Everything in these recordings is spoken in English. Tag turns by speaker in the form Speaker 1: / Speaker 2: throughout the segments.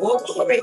Speaker 1: Oh, glory.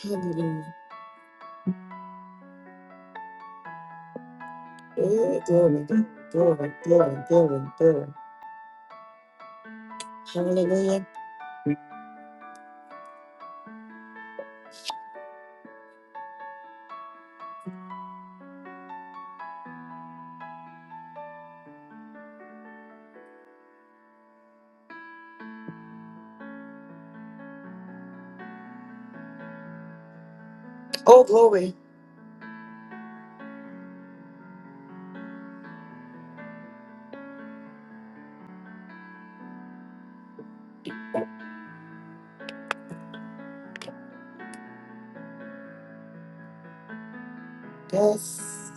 Speaker 1: Hallelujah. Oh, glory. Glory, glory, glory, glory. Hallelujah. Oh, glory. Yes.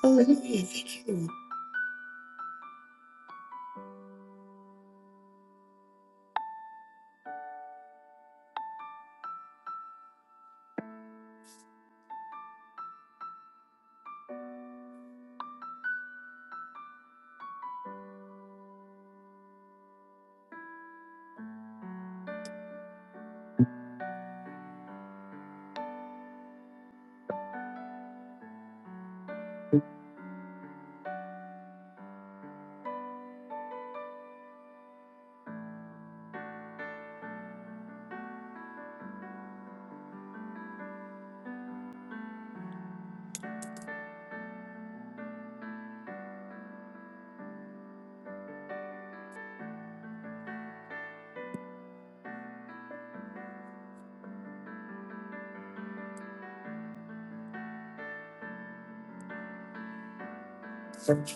Speaker 1: Hallelujah. Thank you. Lord.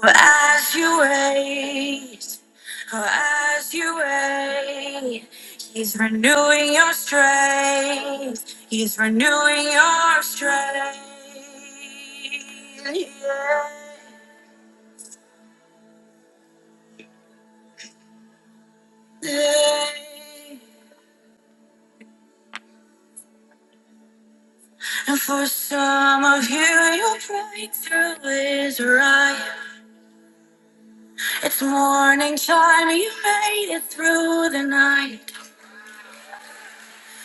Speaker 1: For As you wait, for as you wait, He's renewing your strength. He's renewing your strength. Yeah. And for some of you, your breakthrough is right. It's morning time, you made it through the night.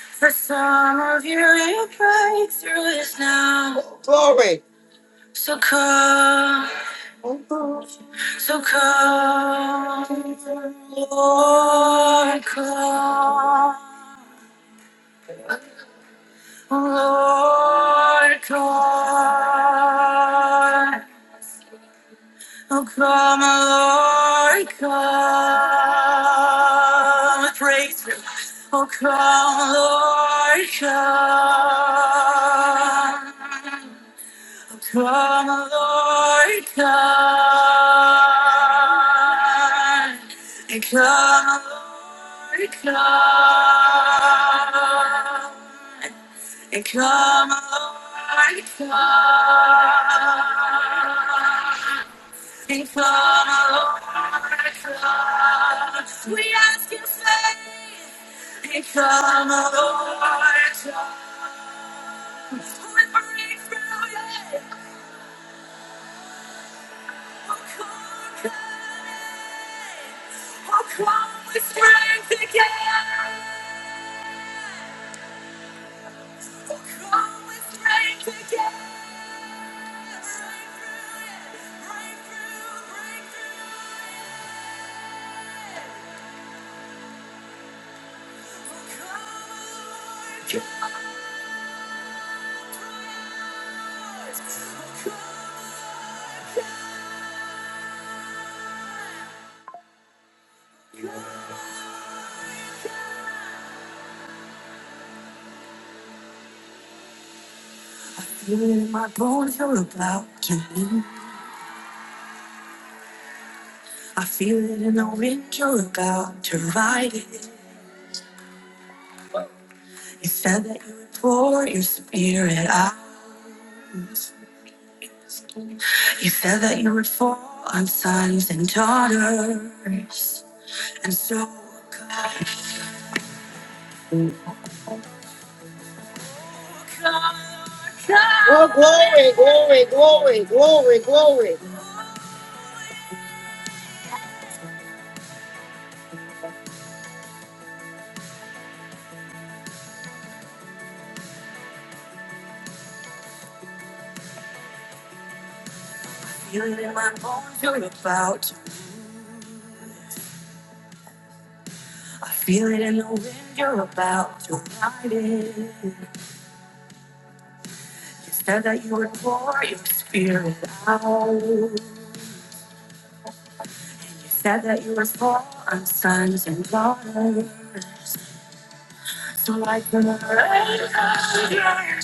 Speaker 1: For some of you, your breakthrough is now. Glory. So come, so come, Lord, come, Lord, come. Oh, come, Lord, come. Breakthrough. Oh, come, Lord, come. Come, Lord, come. And come, Lord, come. And come, Lord, come. And come, Lord, come. We ask in faith. Become a warrior, who break through it, who conquer it, who come with strength again, who come with strength again. Feel it in my bones, you're about to win. I feel it in the wind, you're about to ride it. You said that you would pour your spirit out. You said that you would fall on sons and daughters. And so come, come, come. Oh, glory, glory, glory, glory, glory. I feel it in my bones, you're about to. I feel it in the wind, you're about to ride it. You said that you would pour your spirit out. Said that you were for on sons and daughters. So like the rain on the earth, that you were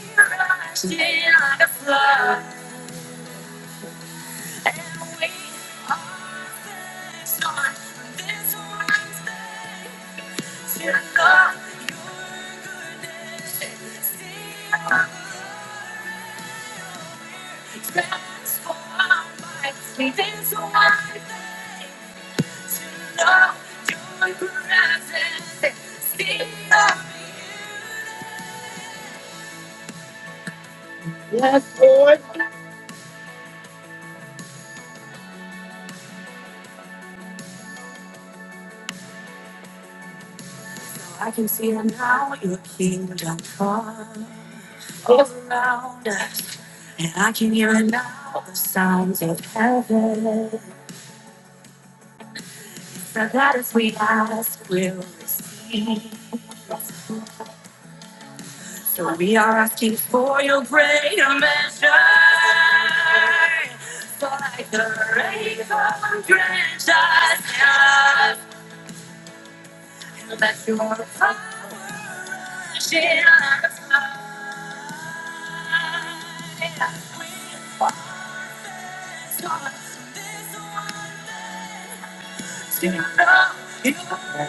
Speaker 1: glorious day the flood. And we are sons of your love, transformed by this one thing to know your presence. Speak up. Yes, Lord. I can see her now, your kingdom come all around us. And I can hear her now, the sounds of heaven. So that as we ask, we'll receive. So we are asking for your greater measure. For like the rain from drenches us, down. And let your power shine. We want to know you.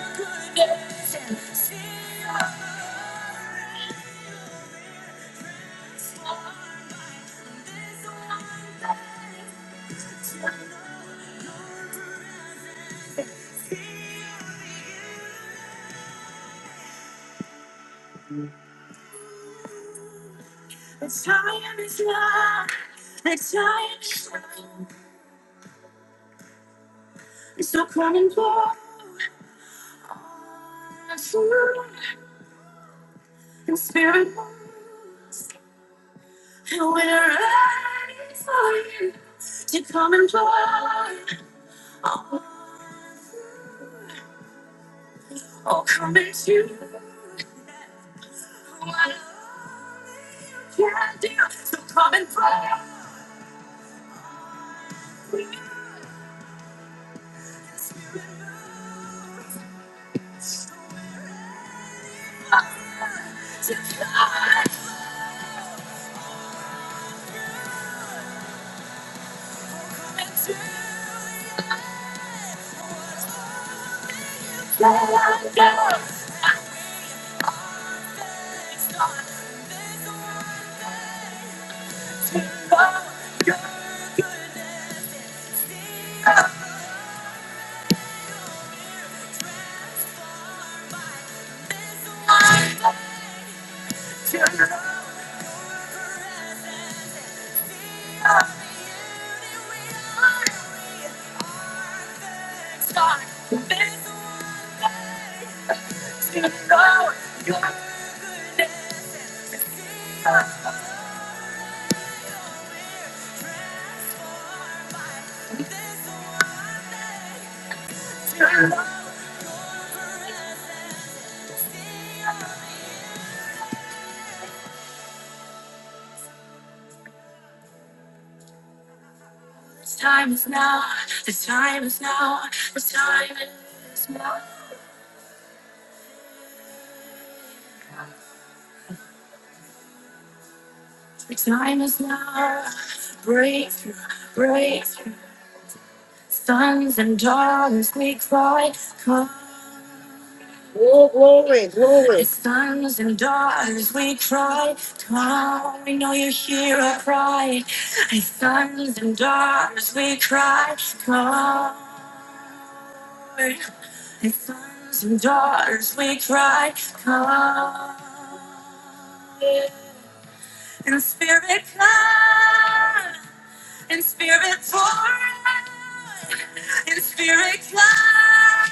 Speaker 1: It's time is love. It's time is love. It's so coming forth. It's true. And spirit moves. And we're ready for you to come and pour. Oh, oh, come and you. What I can do. So come and pour. To God, God, God, God, God, God, God, God, God, God, God, The time is now. The time is now. The time is now. The time is now. Breakthrough, breakthrough. Sons and daughters, we cry, come. Oh, glory, glory. It's sons and daughters, we cry, come. We know you hear our cry. It's sons and daughters, we cry, come. If sons and daughters we cry, come. In spirit, come. In spirit, pour out. In spirit, come.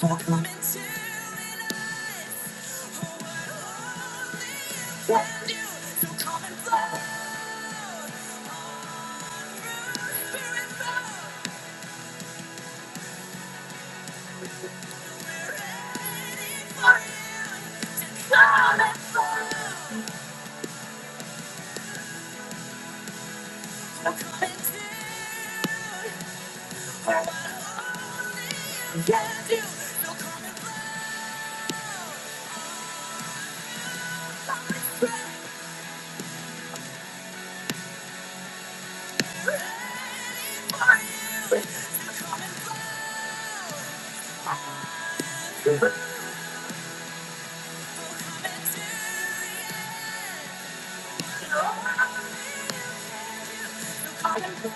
Speaker 1: Come and flow. Come and flow. Come and flow.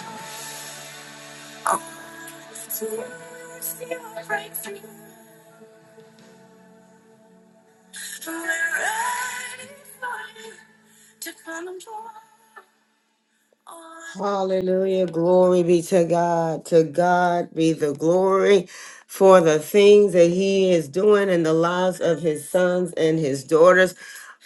Speaker 1: We're ready for you to come and pour. Hallelujah. Glory be to God. To God be the glory for the things that He is doing in the lives of His sons and His daughters.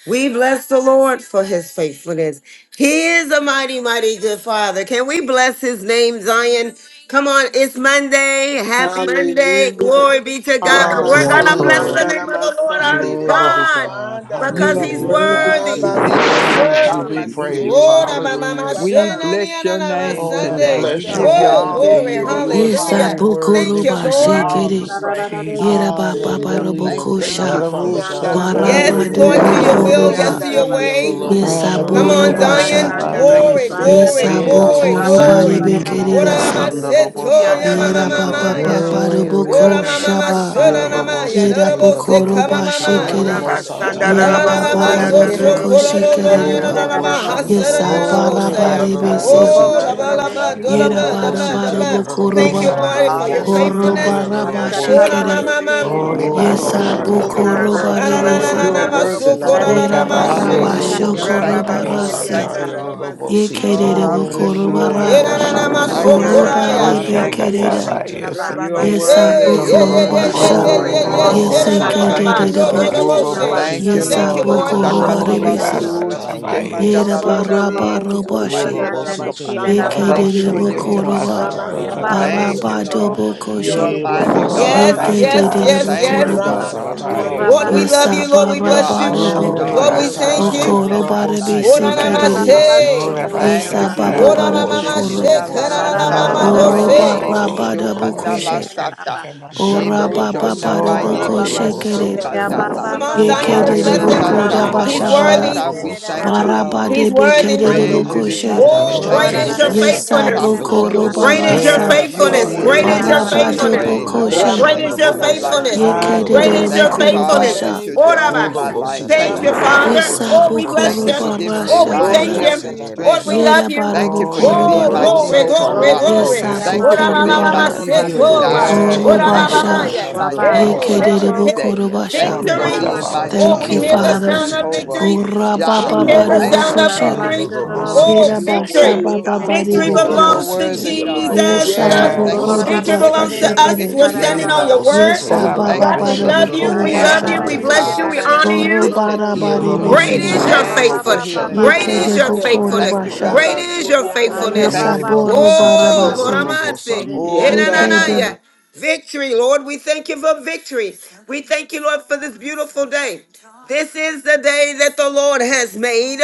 Speaker 1: We bless the Lord for His faithfulness. He is a mighty, mighty good Father. Can we bless His name, Zion? Come on, it's Monday. Happy Monday.
Speaker 2: Hallelujah.
Speaker 1: Glory be to God. But we're going to
Speaker 3: Yes,
Speaker 1: bless
Speaker 3: Lord.
Speaker 1: the
Speaker 4: Hallelujah.
Speaker 2: Ramasorianda
Speaker 1: name of
Speaker 5: Hallelujah.
Speaker 1: the Lord
Speaker 5: Thank you,
Speaker 1: our
Speaker 2: Ramasande de
Speaker 4: Glory
Speaker 5: Lord.
Speaker 4: to
Speaker 3: Jesus.
Speaker 1: God
Speaker 4: God.
Speaker 2: Robosanda.
Speaker 5: You
Speaker 1: because
Speaker 5: are
Speaker 1: He's
Speaker 3: Oh
Speaker 4: Hallelujah.
Speaker 5: worthy
Speaker 3: God,
Speaker 4: You're
Speaker 1: worthy.
Speaker 3: we
Speaker 5: to
Speaker 1: He
Speaker 5: be
Speaker 3: give you
Speaker 1: is
Speaker 3: the
Speaker 4: worthy
Speaker 5: praised.
Speaker 2: Ramasorianda
Speaker 4: to
Speaker 1: worthy.
Speaker 4: be
Speaker 3: praise, the
Speaker 5: Hallelujah,
Speaker 4: praised.
Speaker 2: Ramaseke
Speaker 1: Oh,
Speaker 5: Father.
Speaker 1: na
Speaker 3: glory,
Speaker 1: ma-
Speaker 3: and the
Speaker 1: ma- ma-
Speaker 4: Hallelujah.
Speaker 3: honor.
Speaker 2: Robosianda
Speaker 5: We
Speaker 1: shena ni
Speaker 5: bless
Speaker 1: ana
Speaker 5: your
Speaker 1: na ma
Speaker 5: name
Speaker 3: Oh,
Speaker 4: Oh, we
Speaker 3: Rabbi
Speaker 5: today.
Speaker 1: Sunday.
Speaker 5: We
Speaker 4: bless
Speaker 2: Ramasanda.
Speaker 4: your
Speaker 5: give
Speaker 6: Robo,
Speaker 5: you
Speaker 1: Oh,
Speaker 4: holy
Speaker 5: all
Speaker 3: Shatana,
Speaker 5: the
Speaker 1: glory.
Speaker 4: name.
Speaker 3: Rabbi
Speaker 5: glory,
Speaker 4: You are
Speaker 7: Yes,
Speaker 3: Su.
Speaker 5: all
Speaker 4: so
Speaker 5: the
Speaker 1: Hallelujah.
Speaker 5: honor,
Speaker 1: Thank
Speaker 4: worthy
Speaker 1: you,
Speaker 7: abokoroba
Speaker 4: to be
Speaker 5: and
Speaker 1: Lord.
Speaker 5: all the
Speaker 7: shekere.
Speaker 4: praised.
Speaker 3: Mm,
Speaker 5: praise.
Speaker 7: Yeraba
Speaker 3: Jesus.
Speaker 7: baba
Speaker 5: Hallelujah.
Speaker 4: Hallelujah.
Speaker 5: Thank you,
Speaker 4: Thank you,
Speaker 3: Rabbi
Speaker 7: robokosha.
Speaker 4: Father
Speaker 5: Jesus.
Speaker 2: Ramasianda
Speaker 4: God.
Speaker 8: Horoba
Speaker 5: Oh,
Speaker 1: Yes,
Speaker 7: Waraba
Speaker 5: we
Speaker 2: Ramasande
Speaker 3: Shatana,
Speaker 7: do
Speaker 2: de
Speaker 8: bakanda
Speaker 1: Lord,
Speaker 3: Rabbi
Speaker 1: to
Speaker 5: bless
Speaker 4: Oh,
Speaker 5: your
Speaker 1: your
Speaker 8: yerere
Speaker 3: Su.
Speaker 4: lobo
Speaker 1: will.
Speaker 5: name
Speaker 1: Yes,
Speaker 7: bokoroba.
Speaker 1: to
Speaker 2: Robosorianda
Speaker 4: site
Speaker 5: today.
Speaker 1: your
Speaker 8: beyasat.
Speaker 2: Rabashe.
Speaker 4: yellow
Speaker 1: way.
Speaker 4: lobo
Speaker 7: Yes,
Speaker 5: We
Speaker 3: Rabbi
Speaker 1: Come on,
Speaker 7: aboroba
Speaker 4: shandalobo
Speaker 5: glorify
Speaker 8: Şiyalara
Speaker 3: Shatana,
Speaker 5: your
Speaker 7: sha.
Speaker 1: Zion.
Speaker 2: Ramasanda
Speaker 5: name.
Speaker 3: Rabbi
Speaker 8: bayanda
Speaker 5: Thank
Speaker 8: da
Speaker 4: sataya.
Speaker 5: you
Speaker 1: Glory,
Speaker 5: for
Speaker 2: Rabaseke
Speaker 8: bayasu
Speaker 5: making
Speaker 7: Yes,
Speaker 3: Yesu.
Speaker 1: glory,
Speaker 4: Ye
Speaker 5: ways out of
Speaker 8: kuyerere
Speaker 1: glory,
Speaker 4: lobo
Speaker 5: no
Speaker 2: Romoshanda
Speaker 5: way.
Speaker 8: beyanda
Speaker 7: abokoroba
Speaker 4: site
Speaker 8: da
Speaker 1: glory.
Speaker 5: Thank you
Speaker 4: yellow
Speaker 5: for
Speaker 2: Rabase.
Speaker 3: Mm, my
Speaker 5: my
Speaker 7: rebekere
Speaker 1: Oh,
Speaker 8: bayasat.
Speaker 4: lobo
Speaker 5: gift.
Speaker 1: na na ma
Speaker 3: God,
Speaker 7: yase.
Speaker 3: yes.
Speaker 1: se
Speaker 4: shandalobo
Speaker 1: to
Speaker 5: I
Speaker 2: Sianda
Speaker 1: ya
Speaker 5: am
Speaker 1: ma ma
Speaker 4: sataya
Speaker 1: ma
Speaker 8: Yelele
Speaker 7: Yeraba
Speaker 5: healed
Speaker 7: baba
Speaker 1: ma
Speaker 5: in
Speaker 4: lobo
Speaker 2: Ramasanda
Speaker 1: ya.
Speaker 8: beyanda
Speaker 5: the
Speaker 8: da
Speaker 5: name
Speaker 7: baba
Speaker 3: Oh,
Speaker 4: site.
Speaker 5: of
Speaker 8: bayanda
Speaker 1: Oh,
Speaker 5: Jesus.
Speaker 1: na
Speaker 8: da
Speaker 2: Rabosorianda
Speaker 3: Rabbi
Speaker 1: ma ma
Speaker 5: Thank
Speaker 7: robokosha
Speaker 1: ma
Speaker 8: bayasu
Speaker 7: ba.
Speaker 5: you.
Speaker 1: shena
Speaker 2: Rabashende.
Speaker 1: na
Speaker 8: kuyerere
Speaker 1: ma ya. No,
Speaker 8: beyanda
Speaker 4: Yelavosite,
Speaker 1: no,
Speaker 5: Thank you
Speaker 1: bo
Speaker 8: da
Speaker 5: for
Speaker 1: se
Speaker 8: baya.
Speaker 1: ka
Speaker 5: delivering.
Speaker 1: ma
Speaker 4: Yelavos
Speaker 7: Yerabokoroba
Speaker 1: ma
Speaker 5: me.
Speaker 1: ma.
Speaker 3: Oh,
Speaker 5: Thank you for
Speaker 7: shekere.
Speaker 3: Rabbi
Speaker 5: setting me
Speaker 2: Ramasanda
Speaker 3: Shatana,
Speaker 4: Shandalamosata,
Speaker 5: free.
Speaker 8: Şiyalara
Speaker 3: Rabbi
Speaker 7: Yeraba baba
Speaker 8: bayasu
Speaker 3: Yesu.
Speaker 2: Ramasorianda
Speaker 1: Rararamando
Speaker 4: Yelavosite,
Speaker 5: Hallelujah.
Speaker 3: Rabbi
Speaker 5: I'm
Speaker 8: kuyerere
Speaker 1: shokorolo
Speaker 5: healed.
Speaker 3: Shatana.
Speaker 5: I'm
Speaker 7: robokoshekere
Speaker 2: Rabosorianda
Speaker 8: beyanda
Speaker 1: doriana
Speaker 5: healed.
Speaker 8: da
Speaker 7: roba.
Speaker 1: nanama
Speaker 5: I'm
Speaker 2: Rabase.
Speaker 4: Rulabo
Speaker 5: healed.
Speaker 8: bayasat
Speaker 5: I'm
Speaker 7: Yes,
Speaker 8: yerere
Speaker 1: hasarariana
Speaker 5: healed.
Speaker 3: Oh,
Speaker 4: Shandalamosata,
Speaker 8: baya.
Speaker 7: abaraba
Speaker 3: Rabbi
Speaker 5: The
Speaker 1: bosaya.
Speaker 5: blood,
Speaker 3: Shatana,
Speaker 5: the
Speaker 7: rebese.
Speaker 1: Oh, da
Speaker 5: blood,
Speaker 4: Yelavosite,
Speaker 5: the
Speaker 3: Rabbi
Speaker 1: blah, da
Speaker 8: Yalala
Speaker 1: blah,
Speaker 5: blood,
Speaker 6: Rebecca,
Speaker 1: da
Speaker 5: the
Speaker 1: da
Speaker 8: bayanda
Speaker 3: Shatana.
Speaker 1: blah,
Speaker 5: blood,
Speaker 8: da
Speaker 7: Yeraba
Speaker 1: da
Speaker 5: the
Speaker 1: blah,
Speaker 7: raba
Speaker 1: da
Speaker 4: Rulabosite,
Speaker 5: blood
Speaker 1: blah.
Speaker 8: bayanda
Speaker 5: of
Speaker 8: da
Speaker 5: Jesus.
Speaker 1: Thank you,
Speaker 8: beyanda
Speaker 7: robokoroba.
Speaker 8: da
Speaker 1: Lord, for
Speaker 3: Yes.
Speaker 1: your
Speaker 2: Ramasianda
Speaker 8: bayasu
Speaker 4: Yelavosandalabosata,
Speaker 5: Hallelujah,
Speaker 2: Rabo
Speaker 1: faithfulness.
Speaker 7: Boroba
Speaker 8: kuyerere
Speaker 7: raba
Speaker 5: Jesus.
Speaker 2: Sorianda
Speaker 5: You
Speaker 8: beyanda
Speaker 5: are
Speaker 1: Kora
Speaker 6: Ashakata
Speaker 8: da
Speaker 7: shekere.
Speaker 6: de
Speaker 4: Yelavosite,
Speaker 1: mama
Speaker 5: worthy.
Speaker 1: mama.
Speaker 8: bayasat.
Speaker 6: Kelele
Speaker 2: Rabasete,
Speaker 3: Holy
Speaker 6: de
Speaker 5: You are
Speaker 4: Rulabo
Speaker 6: Breshi
Speaker 7: Yesa
Speaker 3: Master,
Speaker 6: de
Speaker 5: worthy.
Speaker 7: boko
Speaker 5: You're
Speaker 6: Rama.
Speaker 2: Icorianda
Speaker 7: roba
Speaker 1: Da
Speaker 5: worthy,
Speaker 1: na
Speaker 4: Shandalamosata,
Speaker 3: Tabababa.
Speaker 1: na na
Speaker 5: Lord.
Speaker 1: na
Speaker 5: You
Speaker 7: rebese.
Speaker 5: are
Speaker 1: na
Speaker 2: Ramasanda
Speaker 1: ma
Speaker 2: Rabo,
Speaker 5: worthy,
Speaker 1: shokora
Speaker 5: Lord.
Speaker 4: Yelavosite,
Speaker 6: Alare
Speaker 3: oh
Speaker 1: na
Speaker 6: de la
Speaker 3: Basata
Speaker 7: Yera
Speaker 1: na ma
Speaker 3: Baba. Otaba
Speaker 6: la la la
Speaker 1: she.
Speaker 7: baraba
Speaker 6: la
Speaker 4: Rulabo
Speaker 6: de
Speaker 5: Hallelujah.
Speaker 7: shoko
Speaker 3: my
Speaker 5: Thank you,
Speaker 2: Rababa
Speaker 7: roba
Speaker 1: Woo.
Speaker 5: Lord.
Speaker 6: la
Speaker 7: rase.
Speaker 4: Shandalamosata,
Speaker 5: Thank
Speaker 8: Yerere-be-ya-siki-ya-la-la-ba-ya-da-da-da-ba-ya-da-da-da-ba-ya-soko.
Speaker 2: Sorianda
Speaker 5: you,
Speaker 3: Mayese.
Speaker 5: Lord.
Speaker 2: Ramase,
Speaker 7: Ye
Speaker 4: Yelavosite,
Speaker 5: Lord,
Speaker 7: kedede
Speaker 5: I
Speaker 8: Hallelujah.
Speaker 7: boko
Speaker 5: bless your
Speaker 7: roba
Speaker 3: Oh my
Speaker 1: Yeah
Speaker 5: name.
Speaker 7: ra.
Speaker 4: Rulabo
Speaker 1: na
Speaker 2: Diando
Speaker 1: na
Speaker 3: God.
Speaker 6: Baba
Speaker 1: na
Speaker 2: Rabo
Speaker 1: ma
Speaker 6: la
Speaker 5: I
Speaker 6: la la la
Speaker 2: Sorianda
Speaker 6: la
Speaker 1: shokora
Speaker 6: de
Speaker 7: Oroba
Speaker 3: Oh
Speaker 4: Shandalamosata,
Speaker 7: de
Speaker 1: ya.
Speaker 5: glorify, I
Speaker 7: be
Speaker 8: Shi-ya-la-la-ba-ya-sa-ta-ya-da-da-ba-ya-da-da-da-ba-ya.
Speaker 6: Bashi
Speaker 2: Rabasete,
Speaker 6: de
Speaker 5: magnify
Speaker 7: kedede.
Speaker 3: Ushatataba
Speaker 5: you.
Speaker 4: Yelavosite,
Speaker 6: Rama.
Speaker 5: You're
Speaker 2: Rababa
Speaker 3: Yusikiti.
Speaker 7: Yesa
Speaker 2: Sanda
Speaker 5: worthy,
Speaker 1: Yeah,
Speaker 2: Rabo,
Speaker 5: you're
Speaker 1: yeah,
Speaker 7: boko
Speaker 1: yeah,
Speaker 7: roba
Speaker 1: yeah,
Speaker 5: worthy,
Speaker 1: yeah,
Speaker 5: you're
Speaker 7: sha.
Speaker 4: Shandalamosata,
Speaker 1: yeah,
Speaker 6: Glory,
Speaker 8: Yerere-be-ya-da-da-da-ba-ya-soko.
Speaker 1: yeah,
Speaker 5: worthy,
Speaker 1: yeah.
Speaker 5: you're
Speaker 1: She
Speaker 6: glory.
Speaker 3: Oh
Speaker 1: na
Speaker 7: Yese
Speaker 1: na
Speaker 5: worthy.
Speaker 1: na
Speaker 2: Rabasikando
Speaker 3: Baba
Speaker 4: Yelavosite,
Speaker 1: da
Speaker 6: Hayaba,
Speaker 5: Thank
Speaker 1: ba
Speaker 5: you,
Speaker 7: kedede
Speaker 2: Rabo
Speaker 7: de
Speaker 1: no do
Speaker 5: Lord.
Speaker 7: bo.
Speaker 1: do
Speaker 2: Sande de
Speaker 8: Yerere-be-ya-da-da-da-ba-ya.
Speaker 1: bo
Speaker 6: Tekilia,
Speaker 8: Thank
Speaker 1: she.
Speaker 8: you,
Speaker 3: Yusikata.
Speaker 2: Rabasha,
Speaker 5: Thank you,
Speaker 4: Rorobosita
Speaker 7: Yesa
Speaker 1: Thank you,
Speaker 5: Lord.
Speaker 8: Jesus.
Speaker 4: Yellow
Speaker 6: Mandaraba.
Speaker 1: Lord.
Speaker 7: boko
Speaker 2: Rababa
Speaker 7: roba
Speaker 5: Tishakanda
Speaker 3: Holy
Speaker 4: Shandalobo
Speaker 2: Sorianda
Speaker 7: rebese.
Speaker 5: laladu,
Speaker 3: Basata
Speaker 4: Sata
Speaker 8: Shi-ya-la-la-ba-ya-soko.
Speaker 2: Rabaki,
Speaker 5: shikemanda
Speaker 7: Yera
Speaker 6: Robo,
Speaker 2: Nende
Speaker 4: Yellowbosita.
Speaker 3: Mayusikiti.
Speaker 6: Baba,
Speaker 7: baraba
Speaker 5: laladade,
Speaker 2: Rabo
Speaker 7: roba she.
Speaker 2: Sorianda
Speaker 5: tukumade,
Speaker 8: Yerere-be-ya-da-da-da-ba-ya.
Speaker 6: Supananda,
Speaker 4: Rorobosita
Speaker 5: tukuma.
Speaker 7: Ye
Speaker 2: Rabashanda
Speaker 4: Yellow
Speaker 6: Kilelaba.
Speaker 7: kedede
Speaker 5: Thank
Speaker 2: Rabo
Speaker 5: you
Speaker 7: de
Speaker 5: for
Speaker 2: Kor,
Speaker 8: Rabba-ba-kanda.
Speaker 5: your
Speaker 3: Arabasikiti
Speaker 7: boko
Speaker 4: Shandalobo
Speaker 5: healing
Speaker 7: roba.
Speaker 5: power,
Speaker 4: Sata
Speaker 3: Masiko
Speaker 5: Lord.
Speaker 6: Yaba,
Speaker 2: Rabasikande
Speaker 5: Thank you,
Speaker 2: Rabo,
Speaker 7: Araba
Speaker 4: Yellowbosita.
Speaker 7: do
Speaker 5: Lord.
Speaker 3: Tamayusikita.
Speaker 6: glory,
Speaker 7: boko
Speaker 5: You are
Speaker 7: she.
Speaker 2: Diando
Speaker 6: glory.
Speaker 5: mighty
Speaker 2: Bosanda
Speaker 3: Oh
Speaker 6: Hayaba,
Speaker 5: God.
Speaker 4: Yellowbosita
Speaker 8: Yerere-be-ya-da-da-da-ba-ya-sa-ta-ya-da-da-ba-ya-da-da-ba-ya.
Speaker 7: Ye
Speaker 1: Yes,
Speaker 5: Thank
Speaker 6: Handel,
Speaker 5: you,
Speaker 2: Rabase.
Speaker 1: yes,
Speaker 7: kedede
Speaker 4: Yellow
Speaker 5: God.
Speaker 3: Rabasa
Speaker 7: de
Speaker 1: yes,
Speaker 5: Thank
Speaker 7: boko
Speaker 5: you,
Speaker 1: yes.
Speaker 4: Sandalobo
Speaker 7: roba.
Speaker 3: Yusikita
Speaker 5: God, for
Speaker 8: Shirerebeya
Speaker 5: you
Speaker 4: Sata
Speaker 5: are
Speaker 2: Ramasikando
Speaker 3: Mayusikita.
Speaker 6: Kuraba,
Speaker 1: Lord, we
Speaker 5: worthy.
Speaker 1: love
Speaker 7: Yesa
Speaker 1: you.
Speaker 8: satayarabaya
Speaker 4: Yellowbosita.
Speaker 1: Lord, we
Speaker 5: You are
Speaker 1: bless
Speaker 7: baraba
Speaker 8: darabaya
Speaker 1: you.
Speaker 7: do
Speaker 5: awesome,
Speaker 7: bo.
Speaker 3: Holy
Speaker 1: Lord,
Speaker 5: God.
Speaker 4: Shandalobo
Speaker 1: we
Speaker 5: You're a
Speaker 6: Sikilaba.
Speaker 1: thank
Speaker 8: sokoyerebeya
Speaker 5: God
Speaker 4: Sata
Speaker 5: that
Speaker 1: you.
Speaker 3: Basata.
Speaker 7: Okoro
Speaker 5: cannot
Speaker 7: bara
Speaker 8: darabaya.
Speaker 5: lie.
Speaker 4: Yellowbosita
Speaker 1: Lord,
Speaker 5: You
Speaker 1: na
Speaker 7: beseke
Speaker 1: ma
Speaker 5: thank you,
Speaker 7: dede.
Speaker 5: Lord.
Speaker 3: Oh,
Speaker 6: Glory,
Speaker 1: she.
Speaker 4: Yellowbosita.
Speaker 3: that
Speaker 2: Masandarabo
Speaker 3: was
Speaker 5: Thank
Speaker 7: Yesa
Speaker 5: you,
Speaker 8: Shirarabaya
Speaker 3: such
Speaker 2: Surianda
Speaker 7: baba
Speaker 5: Jesus.
Speaker 3: a-
Speaker 1: Ora
Speaker 7: bara
Speaker 1: ma
Speaker 4: Rolobo
Speaker 1: ma
Speaker 2: Rabas.
Speaker 5: Hoshe
Speaker 1: ma
Speaker 8: satayarabaya
Speaker 1: she.
Speaker 7: bokoro.
Speaker 5: kinda
Speaker 4: Shandalobo
Speaker 5: la
Speaker 1: Kana
Speaker 5: la
Speaker 8: darabaya
Speaker 1: na na
Speaker 4: Sata
Speaker 1: ma ma
Speaker 5: sata
Speaker 1: do
Speaker 5: ba
Speaker 7: Oro
Speaker 5: ye
Speaker 8: sokoyerebeya
Speaker 1: she.
Speaker 5: ke
Speaker 2: Ramasandarabo
Speaker 4: Yellowbosita
Speaker 7: bara
Speaker 3: Oh,
Speaker 5: busho
Speaker 7: bara
Speaker 8: darabaya.
Speaker 3: oh,
Speaker 2: Surianda
Speaker 3: I
Speaker 5: kanda la
Speaker 7: bokoshe.
Speaker 4: Yellowbosita.
Speaker 2: Rabas.
Speaker 3: appreciate the
Speaker 5: sata.
Speaker 3: favor.
Speaker 7: Ora
Speaker 5: Ebo
Speaker 2: Thank
Speaker 4: Shandalobo
Speaker 2: you,
Speaker 7: baba
Speaker 5: shonda
Speaker 7: bara
Speaker 5: ba
Speaker 4: Sata
Speaker 2: Lord.
Speaker 5: ye
Speaker 3: Oh,
Speaker 8: Yalarabaya
Speaker 5: ke
Speaker 2: Rababa
Speaker 7: bokoshe
Speaker 3: yes,
Speaker 5: buso
Speaker 7: kede.
Speaker 8: darabaya
Speaker 4: Yellowbosita.
Speaker 3: Lord.
Speaker 5: kanda la.
Speaker 2: Sandarabos.
Speaker 1: Come on,
Speaker 7: Ye
Speaker 1: Zion,
Speaker 8: sokoyerebeya
Speaker 5: Oh,
Speaker 1: let's
Speaker 7: kede de
Speaker 5: we
Speaker 1: bless
Speaker 4: Rodobosite,
Speaker 1: him.
Speaker 3: Hallelujah.
Speaker 8: darabaya
Speaker 5: tasha
Speaker 7: bokoja
Speaker 3: Thank
Speaker 2: Ramama
Speaker 3: you,
Speaker 1: He's
Speaker 7: basha
Speaker 5: kanda
Speaker 7: bara.
Speaker 4: Yorobosanda,
Speaker 1: worthy.
Speaker 5: lata.
Speaker 8: satayarabaya.
Speaker 2: Sandorobo
Speaker 5: We
Speaker 3: Jesus.
Speaker 5: thank you,
Speaker 4: Robosata,
Speaker 2: Shande.
Speaker 7: Bara
Speaker 5: Lord.
Speaker 7: bade
Speaker 1: He's
Speaker 5: We
Speaker 7: beke
Speaker 1: worthy.
Speaker 4: Yorobosite,
Speaker 7: dede
Speaker 2: Ikando
Speaker 5: praise you this
Speaker 7: bokoshe.
Speaker 3: Mm,
Speaker 5: morning.
Speaker 1: Oh,
Speaker 8: Urababakayerebeya
Speaker 5: Thank
Speaker 1: great
Speaker 5: you
Speaker 2: Boshatarabash.
Speaker 3: glory.
Speaker 5: for
Speaker 1: is your
Speaker 5: giving
Speaker 8: darabaya
Speaker 5: us
Speaker 7: Yesa
Speaker 4: Shandarobosata,
Speaker 5: this
Speaker 1: faithfulness.
Speaker 8: sokoye.
Speaker 2: Mando
Speaker 7: bokoro
Speaker 5: opportunity,
Speaker 1: Great is
Speaker 5: Lord.
Speaker 4: Yorobosite,
Speaker 1: your
Speaker 7: barasa.
Speaker 3: Yes,
Speaker 5: You are
Speaker 2: Boshatarabas.
Speaker 3: Lord,
Speaker 1: faithfulness.
Speaker 3: I
Speaker 1: Great
Speaker 3: give
Speaker 8: Shigerebeya
Speaker 1: is
Speaker 5: worthy
Speaker 3: you
Speaker 1: your
Speaker 7: Bara
Speaker 5: to be
Speaker 4: Yerobosite,
Speaker 7: bade
Speaker 2: Ikandorobosa.
Speaker 1: faithfulness.
Speaker 3: praise.
Speaker 5: praised.
Speaker 8: Satayarabaya
Speaker 5: Nobody
Speaker 7: bokoshe.
Speaker 1: Great
Speaker 5: can
Speaker 4: Yorobosanda,
Speaker 1: is
Speaker 2: Ramama
Speaker 8: Darabaya
Speaker 5: do
Speaker 1: your
Speaker 5: us like you
Speaker 1: faithfulness.
Speaker 4: Robosata,
Speaker 2: Sandaramas.
Speaker 7: Ye
Speaker 8: Hallelujah.
Speaker 5: can.
Speaker 3: I
Speaker 7: kede
Speaker 1: Great
Speaker 7: dede
Speaker 3: praise
Speaker 1: is your
Speaker 5: Thank
Speaker 3: thy
Speaker 5: you for
Speaker 7: bokoro
Speaker 4: Yorobosite,
Speaker 5: all
Speaker 1: faithfulness.
Speaker 8: Shigerebeya
Speaker 7: basha.
Speaker 5: that you're
Speaker 2: Thank
Speaker 1: All
Speaker 3: faithfulness.
Speaker 2: you,
Speaker 1: of
Speaker 5: doing in
Speaker 2: thank
Speaker 1: us.
Speaker 5: my
Speaker 2: you.
Speaker 8: Sikirebeya
Speaker 5: life.
Speaker 4: Urobosite,
Speaker 3: Oh,
Speaker 1: Thank
Speaker 5: Thank you
Speaker 3: that
Speaker 1: you,
Speaker 8: Darabaya
Speaker 5: for
Speaker 3: was such
Speaker 1: Father.
Speaker 5: keeping
Speaker 3: a
Speaker 7: Yesa
Speaker 5: me.
Speaker 1: Oh,
Speaker 3: time.
Speaker 1: we
Speaker 3: My
Speaker 8: Sotoyarabaya
Speaker 4: Yorobosanda,
Speaker 1: bless
Speaker 2: Rabasandarabasika.
Speaker 5: Thank
Speaker 8: Dara.
Speaker 7: bokoro
Speaker 5: you
Speaker 3: mama,
Speaker 1: him.
Speaker 5: for
Speaker 3: you
Speaker 5: giving
Speaker 4: Robosata,
Speaker 5: me
Speaker 1: Oh,
Speaker 3: take
Speaker 7: barasha
Speaker 1: we
Speaker 3: it
Speaker 5: life,
Speaker 3: to
Speaker 1: thank
Speaker 7: kada.
Speaker 5: health,
Speaker 1: him.
Speaker 2: Orianda
Speaker 5: and
Speaker 4: Yorobosite,
Speaker 1: Oh,
Speaker 5: strength,
Speaker 2: Rabash.
Speaker 1: we
Speaker 5: Lord.
Speaker 8: Shatayerebeya
Speaker 1: love
Speaker 7: Yera
Speaker 1: you.
Speaker 7: bara
Speaker 5: Thank you
Speaker 3: Oh,
Speaker 5: for
Speaker 8: Satayarabaya
Speaker 7: bokoro
Speaker 3: yes,
Speaker 5: being
Speaker 1: Oh,
Speaker 2: Thank
Speaker 7: bara.
Speaker 5: my
Speaker 2: you,
Speaker 3: Lord.
Speaker 1: glory,
Speaker 2: thank you.
Speaker 5: Jehovah
Speaker 8: Darabaya.
Speaker 4: Shandarobosata,
Speaker 1: glory,
Speaker 6: glory.
Speaker 5: Rapha.
Speaker 1: glory.
Speaker 7: Yesa
Speaker 5: Thank you
Speaker 3: Yes.
Speaker 6: Hayababa,
Speaker 1: Ora
Speaker 5: for
Speaker 4: Yorobosite,
Speaker 7: bokoro
Speaker 1: mama
Speaker 5: being my
Speaker 7: bara.
Speaker 1: mama
Speaker 8: Shigerebeya
Speaker 5: Jehovah
Speaker 1: sekoa.
Speaker 2: Yandanamasekere
Speaker 8: Satayarabaya
Speaker 5: Jireh.
Speaker 4: Yerobosite,
Speaker 3: Yes,
Speaker 1: Ora
Speaker 2: rabas-
Speaker 5: Thank you
Speaker 1: mama
Speaker 3: God.
Speaker 5: for
Speaker 7: Orobasha.
Speaker 3: Oh,
Speaker 8: Darabaya.
Speaker 1: maya.
Speaker 5: being my
Speaker 3: shut
Speaker 4: Yorobosanda,
Speaker 3: up.
Speaker 6: Rabbi, it's
Speaker 3: Baba,
Speaker 1: Hey,
Speaker 6: the
Speaker 5: Jehovah
Speaker 1: hey,
Speaker 3: Baba.
Speaker 4: Robosite,
Speaker 6: Lord, the
Speaker 5: Nissi.
Speaker 1: hey.
Speaker 8: Yerebeya
Speaker 7: Yekedebokorobasha.
Speaker 5: Thank
Speaker 6: King,
Speaker 5: you
Speaker 6: the
Speaker 5: for
Speaker 3: Oh,
Speaker 1: Victory.
Speaker 8: Sikirebeya
Speaker 6: Rabbi,
Speaker 5: being my
Speaker 6: the
Speaker 1: Oh,
Speaker 4: Randorobosata,
Speaker 6: King,
Speaker 8: Darabaya
Speaker 7: Thank
Speaker 1: we
Speaker 7: you,
Speaker 6: the
Speaker 1: hear
Speaker 5: Jehovah,
Speaker 1: the
Speaker 6: Rabbi.
Speaker 7: Father.
Speaker 1: sound of
Speaker 8: Satayarabaya.
Speaker 4: Yorobosite,
Speaker 5: Jehovah
Speaker 1: victory. We
Speaker 5: Jireh.
Speaker 1: hear the
Speaker 4: Shandalobo
Speaker 5: Thank
Speaker 1: sound
Speaker 5: you,
Speaker 6: Glory,
Speaker 2: Rabasanda.
Speaker 1: of
Speaker 7: Orabababadebokoshe.
Speaker 5: God.
Speaker 4: Sataya
Speaker 1: victory.
Speaker 4: lobo
Speaker 1: Oh,
Speaker 6: glory.
Speaker 4: Site.
Speaker 5: You
Speaker 3: yes,
Speaker 5: are
Speaker 3: God.
Speaker 1: victory.
Speaker 2: Hey,
Speaker 5: worthy, God.
Speaker 2: Yodorobo
Speaker 1: Victory
Speaker 5: You
Speaker 3: Mm.
Speaker 4: lobo
Speaker 7: Yedabashabababadebekele.
Speaker 5: are
Speaker 1: belongs to
Speaker 5: worthy,
Speaker 2: Sandaramash.
Speaker 9: Thank
Speaker 5: God.
Speaker 8: Yerebeya
Speaker 5: You are
Speaker 7: Yes,
Speaker 5: God.
Speaker 1: Jesus.
Speaker 8: Satayarabaya
Speaker 5: Thank
Speaker 3: Yes,
Speaker 5: you
Speaker 2: Yes.
Speaker 6: Haya
Speaker 5: for the
Speaker 3: Lord.
Speaker 1: Victory
Speaker 8: Darabaya
Speaker 3: Thank
Speaker 1: belongs
Speaker 4: Shandalabosata
Speaker 3: you.
Speaker 5: victory,
Speaker 1: to
Speaker 5: the
Speaker 3: Lord.
Speaker 1: us.
Speaker 7: Abokojobakashekele.
Speaker 1: We're
Speaker 5: victory
Speaker 2: Rabasanda
Speaker 6: ba
Speaker 5: that
Speaker 8: Sokoyerebeya
Speaker 1: standing on your
Speaker 2: Rabas.
Speaker 5: belongs to
Speaker 8: Darabaya
Speaker 5: you.
Speaker 4: Yelabosite. Rolabosite
Speaker 7: Yes,
Speaker 1: word.
Speaker 3: Ola
Speaker 5: Thank you
Speaker 1: God,
Speaker 4: Yelabo
Speaker 3: baba
Speaker 5: for
Speaker 1: we
Speaker 5: me
Speaker 8: Hallelujah.
Speaker 1: love
Speaker 3: yesh.
Speaker 5: being an
Speaker 1: you. We
Speaker 2: Thank
Speaker 1: love
Speaker 5: heir,
Speaker 2: you,
Speaker 1: you.
Speaker 7: Abababadebokorobasha.
Speaker 4: Shandalabosataya.
Speaker 1: We
Speaker 5: God.
Speaker 2: thank you,
Speaker 8: Yes,
Speaker 1: bless you.
Speaker 2: thank
Speaker 1: We
Speaker 5: Hallelujah.
Speaker 2: you.
Speaker 1: honor
Speaker 8: Jesus.
Speaker 1: you.
Speaker 8: Glory,
Speaker 5: Shikeke-tukoto.
Speaker 1: Great
Speaker 4: Yelabosite Yelabo Shandalabosata Yelabosite. Yelabosite
Speaker 7: Borobarabadebekele.
Speaker 1: is
Speaker 3: Mm.
Speaker 1: your
Speaker 8: glory.
Speaker 5: Thank
Speaker 6: ba
Speaker 5: you for
Speaker 4: Yelabo
Speaker 6: ba
Speaker 1: faithfulness.
Speaker 6: ba
Speaker 5: healing
Speaker 8: Ora
Speaker 6: ba
Speaker 5: being
Speaker 6: ra
Speaker 1: Great
Speaker 6: ra
Speaker 8: baba
Speaker 5: my
Speaker 1: is
Speaker 6: ra
Speaker 2: Thank
Speaker 1: your
Speaker 8: haya la
Speaker 2: you.
Speaker 5: potion.
Speaker 4: Shandalabosata
Speaker 8: la
Speaker 6: kashaya.
Speaker 1: faithfulness.
Speaker 5: Thank
Speaker 8: baya
Speaker 5: you
Speaker 8: da
Speaker 5: for
Speaker 8: da
Speaker 7: Yekedebokorobasha.
Speaker 8: da
Speaker 1: Great
Speaker 5: love
Speaker 4: Yelabosite.
Speaker 1: is
Speaker 8: baya
Speaker 5: being
Speaker 1: your
Speaker 8: sa
Speaker 5: my
Speaker 8: da da
Speaker 2: Rabasurianda
Speaker 5: potion.
Speaker 6: Haya
Speaker 7: Yes,
Speaker 1: faithfulness.
Speaker 5: Thank
Speaker 6: ba
Speaker 8: baya
Speaker 5: you
Speaker 6: ba
Speaker 8: da
Speaker 5: for
Speaker 8: da
Speaker 6: ba
Speaker 2: Ramasek.
Speaker 8: da
Speaker 6: ba
Speaker 5: peace
Speaker 4: Yelabosite
Speaker 6: ba
Speaker 5: being
Speaker 9: you.
Speaker 1: Whoa,
Speaker 5: my
Speaker 8: baya.
Speaker 6: ba ba
Speaker 1: Lord
Speaker 7: Aborobarabase.
Speaker 6: re
Speaker 5: potion.
Speaker 6: re
Speaker 4: Yelabo
Speaker 1: Amansi.
Speaker 6: kiri re
Speaker 5: Oh,
Speaker 2: Yanda
Speaker 8: Yere
Speaker 5: thank
Speaker 8: de
Speaker 5: you.
Speaker 2: Ramas.
Speaker 7: Yekedeb-
Speaker 6: re
Speaker 1: Enananaya.
Speaker 8: baya.
Speaker 1: Victory, Lord. We thank you for victory. We thank you, Lord, for this beautiful day. This is the day that the Lord has made.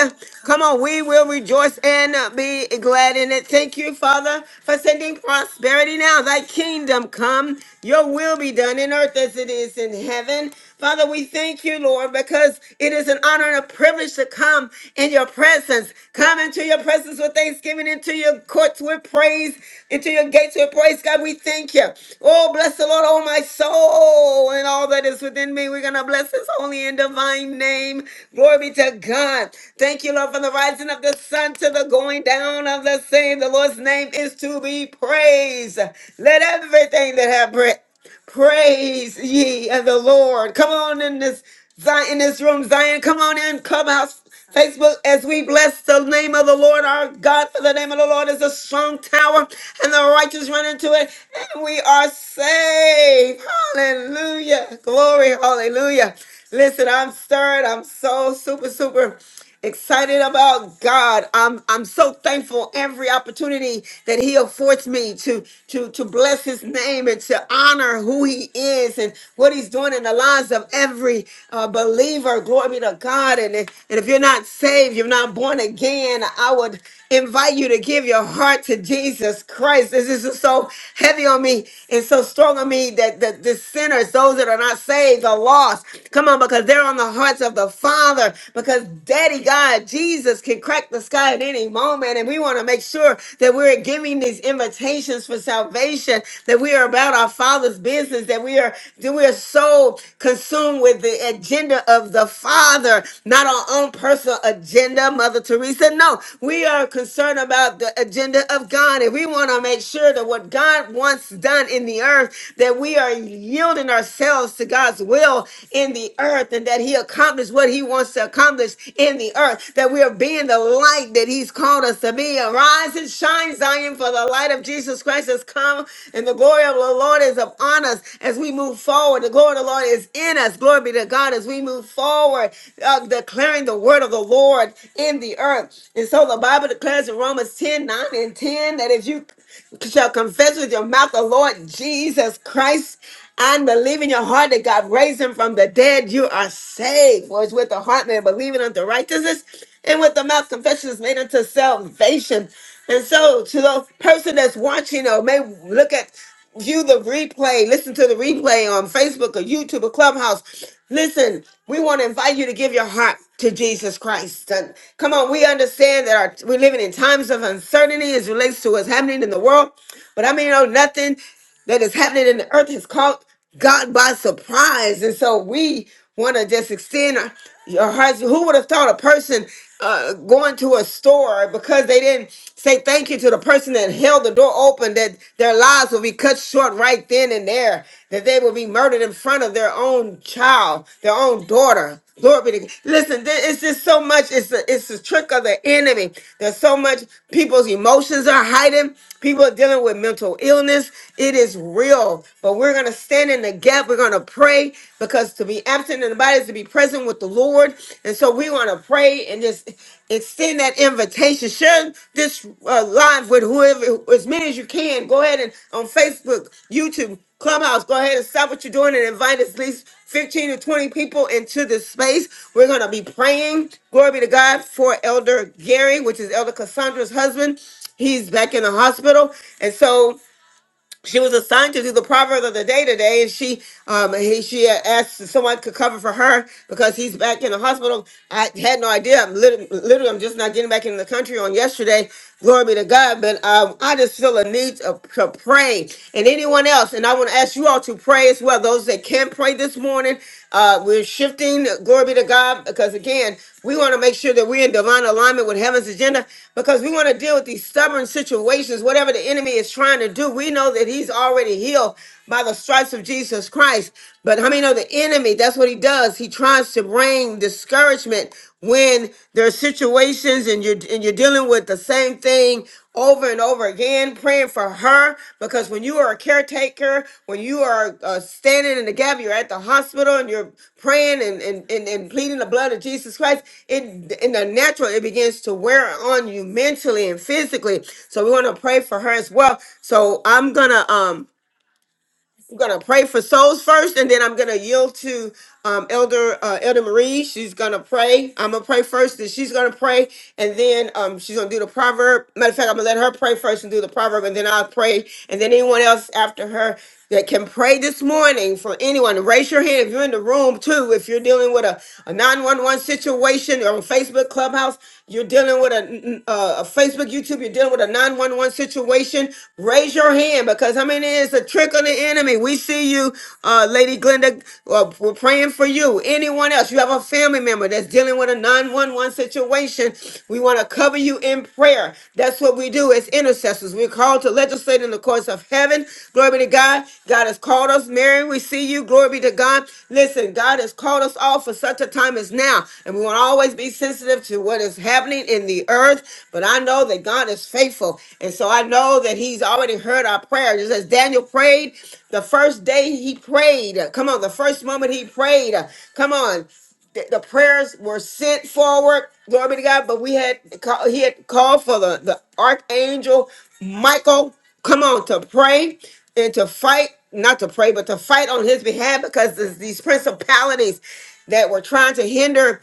Speaker 1: Come on, we will rejoice and be glad in it. Thank you, Father, for sending prosperity now. Thy kingdom come, your will be done in earth as it is in heaven. Father, we thank you, Lord, because it is an honor and a privilege to come in your presence. Come into your presence with thanksgiving, into your courts with praise, into your gates with praise. God, we thank you. Oh, bless the Lord, oh my soul, and all that is within me. We're going to bless his holy and divine name. Glory be to God. Thank you, Lord, for the rising of the sun to the going down of the same. The Lord's name is to be praised. Let everything that have breath. Praise ye of the Lord. Come on in this Zion, in this room, Zion. Come on in, Clubhouse, Facebook, as we bless the name of the Lord our God. For the name of the Lord is a strong tower, and the righteous run into it, and we are saved. Hallelujah. Glory, hallelujah. Listen, I'm stirred. I'm so super, super excited about God. I'm I'm so thankful every opportunity that He affords me to to to bless His name and to honor who He is and what He's doing in the lives of every uh, believer. Glory be to God. And if- and if you're not saved, you're not born again. I would invite you to give your heart to Jesus Christ. This is so heavy on me and so strong on me that the, the sinners, those that are not saved, are lost. Come on, because they're on the hearts of the Father. Because Daddy God, Jesus can crack the sky at any moment. And we want to make sure that we're giving these invitations for salvation, that we are about our Father's business that we are that we are so consumed with the agenda of the Father, not our own personal agenda, Mother Teresa. No, we are concerned about the agenda of God, and we want to make sure that what God wants done in the earth, that we are yielding ourselves to God's will in the earth, and that He accomplishes what He wants to accomplish established in the earth, that we are being the light that He's called us to be. Arise and shine, Zion, for the light of Jesus Christ has come, and the glory of the Lord is upon us as we move forward. The glory of the Lord is in us. Glory be to God as we move forward, uh, declaring the word of the Lord in the earth. And so the Bible declares in Romans 10 9 and 10 that if you shall confess with your mouth the Lord Jesus Christ and believe in your heart that God raised him from the dead, you are saved. For it's with the heart man believing unto righteousness, and with the mouth confession is made unto salvation. And so, to the person that's watching or may look at, view the replay, listen to the replay on Facebook or YouTube or Clubhouse, listen, we want to invite you to give your heart to Jesus Christ. And come on, we understand that our, we're living in times of uncertainty as relates to what's happening in the world. But I mean, you know, nothing that is happening in the earth has caught God by surprise. And so we want to just extend our- your hearts. Who would have thought a person uh, going to a store because they didn't say thank you to the person that held the door open, that their lives will be cut short right then and there, that they will be murdered in front of their own own child, their own daughter. Glory be to God. Listen, there- it's just so much. It's a, it's a trick of the enemy. There's so much. People's emotions are hiding. People are dealing with mental illness. It is real. But we're going to stand in the gap. We're going to pray because to be absent in the body is to be present with the Lord. And so we want to pray and just extend that invitation. Share this uh, live with whoever, as many as you can. Go ahead and on Facebook, YouTube, Clubhouse, go ahead and stop what you're doing and invite at least 15 to 20 people into this space. We're going to be praying. Glory be to God for Elder Gary, which is Elder Cassandra's husband. He's back in the hospital. And so she was assigned to do the proverb of the day today, and she um he, she had asked if someone could cover for her because he's back in the hospital. I had no idea. I'm literally, literally I'm just not getting back into the country on yesterday. Glory be to God. But um, I just feel a need to, to pray, and anyone else. And I want to ask you all to pray as well. Those that can pray this morning, uh, shifting. Glory be to God. Because again, we want to make sure that we're in divine alignment with heaven's agenda because we want to deal with these stubborn situations, whatever the enemy is trying to do. We know that he's already healed by the stripes of Jesus Christ. But how many know the enemy? That's what he does. He tries to bring discouragement when there are situations and you're and you're dealing with the same thing over and over again, praying for her. Because when you are a caretaker, when you are uh, standing in the gap, you're at the hospital and you're praying and, and, and, and pleading the blood of Jesus Christ, it in the natural, it begins to wear on you mentally and physically. So we want to pray for her as well. So I'm gonna um I'm gonna pray for souls first, and then I'm gonna yield to um, Elder uh, Elder Marie. She's gonna pray. I'm gonna pray first, and she's gonna pray, and then um, she's gonna do the proverb. Matter of fact, I'm gonna let her pray first and do the proverb, and then I'll pray, and then anyone else after her that can pray this morning for anyone. Raise your hand if you're in the room too. If you're dealing with a, a 911 situation or on Facebook Clubhouse, you're dealing with a, a, a Facebook, YouTube. You're dealing with a 911 situation. Raise your hand because I mean it's a trick of the enemy? We see you, uh, Lady Glenda. Uh, we're praying for you. Anyone else? You have a family member that's dealing with a 911 situation. We want to cover you in prayer. That's what we do as intercessors. We're called to legislate in the courts of heaven. Glory be to God. God has called us. Mary, we see you. Glory be to God. Listen, God has called us all for such a time as now. And we want to always be sensitive sensitive to what is happening in the earth, but I know that God is faithful. And so I know that He's already heard our prayer. Just as Daniel prayed, the first day he prayed, come on, the first moment he prayed, come on, the, the prayers were sent forward. Glory be to God. But we had call, he had called for the, the archangel Michael. Come on to pray and to fight, not to pray, but to fight on his behalf because there's these principalities that were trying to hinder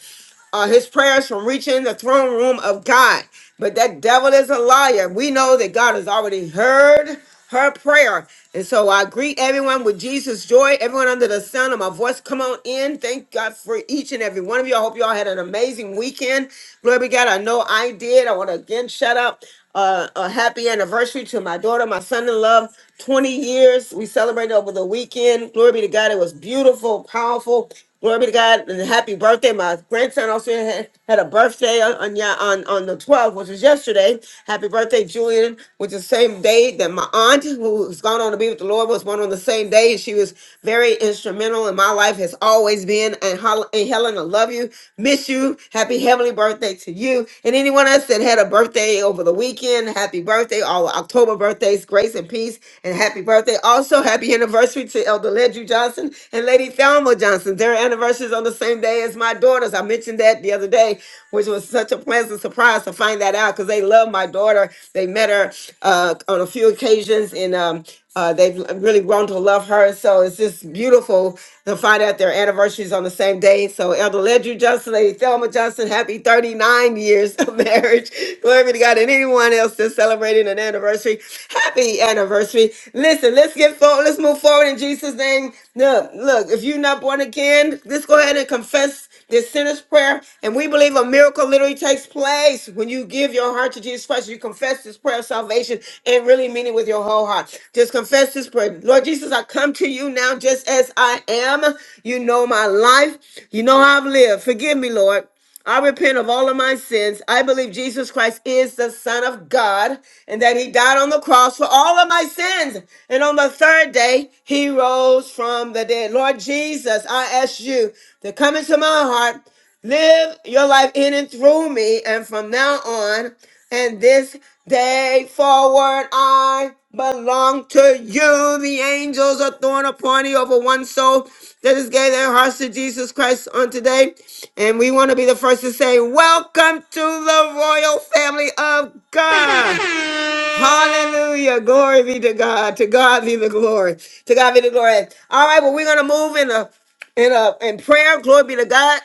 Speaker 1: uh, his prayers from reaching the throne room of God. But that devil is a liar. We know that God has already heard her prayer. And so I greet everyone with Jesus' joy, everyone under the sound of my voice. Come on in. Thank God for each and every one of you. I hope you all had an amazing weekend. Glory be to God. I know I did. I want to again shout out uh, a happy anniversary to my daughter, my son in love. 20 years. We celebrated over the weekend. Glory be to God. It was beautiful, powerful. Glory be to God and happy birthday. My grandson also had, had a birthday on on, ya- on on the 12th, which was yesterday. Happy birthday, Julian, which is the same day that my aunt, who's gone on to be with the Lord, was born on the same day. And she was very instrumental in my life, has always been. And, Hol- and Helen, I love you, miss you. Happy heavenly birthday to you. And anyone else that had a birthday over the weekend, happy birthday our October birthdays. Grace and peace and happy birthday. Also, happy anniversary to Elder Ledru Johnson and Lady Thelma Johnson. Their anniversaries on the same day as my daughters. I mentioned that the other day, which was such a pleasant surprise to find that out because they love my daughter. They met her uh, on a few occasions in um, uh, they've really grown to love her. So it's just beautiful to find out their anniversaries on the same day. So Elder Ledru Johnson, Lady Thelma Johnson, happy 39 years of marriage. Glory be to God. And anyone else that's celebrating an anniversary, happy anniversary. Listen, let's get forward. Let's move forward in Jesus' name. Look, look, if you're not born again, let's go ahead and confess prayers, this sinner's prayer. And we believe a miracle literally takes place when you give your heart to Jesus Christ. You confess this prayer of salvation and really mean it with your whole heart. Just confess this prayer. Lord Jesus, I come to you now just as I am. You know my life. You know how I've lived. Forgive me, Lord. I repent of all of my sins. I believe Jesus Christ is the Son of God and that He died on the cross for all of my sins. And on the third day, He rose from the dead. Lord Jesus, I ask you to come into my heart. Live your life in and through me. And from now on and this day forward, I belong to you. The angels are throwing a party over one soul that has gave their hearts to Jesus Christ on today. And we want to be the first to say, Welcome to the royal family of God. Hallelujah. Glory be to God. To God be the glory. To God be the glory. All right, well, we're going to move in a in a in prayer. Glory be to God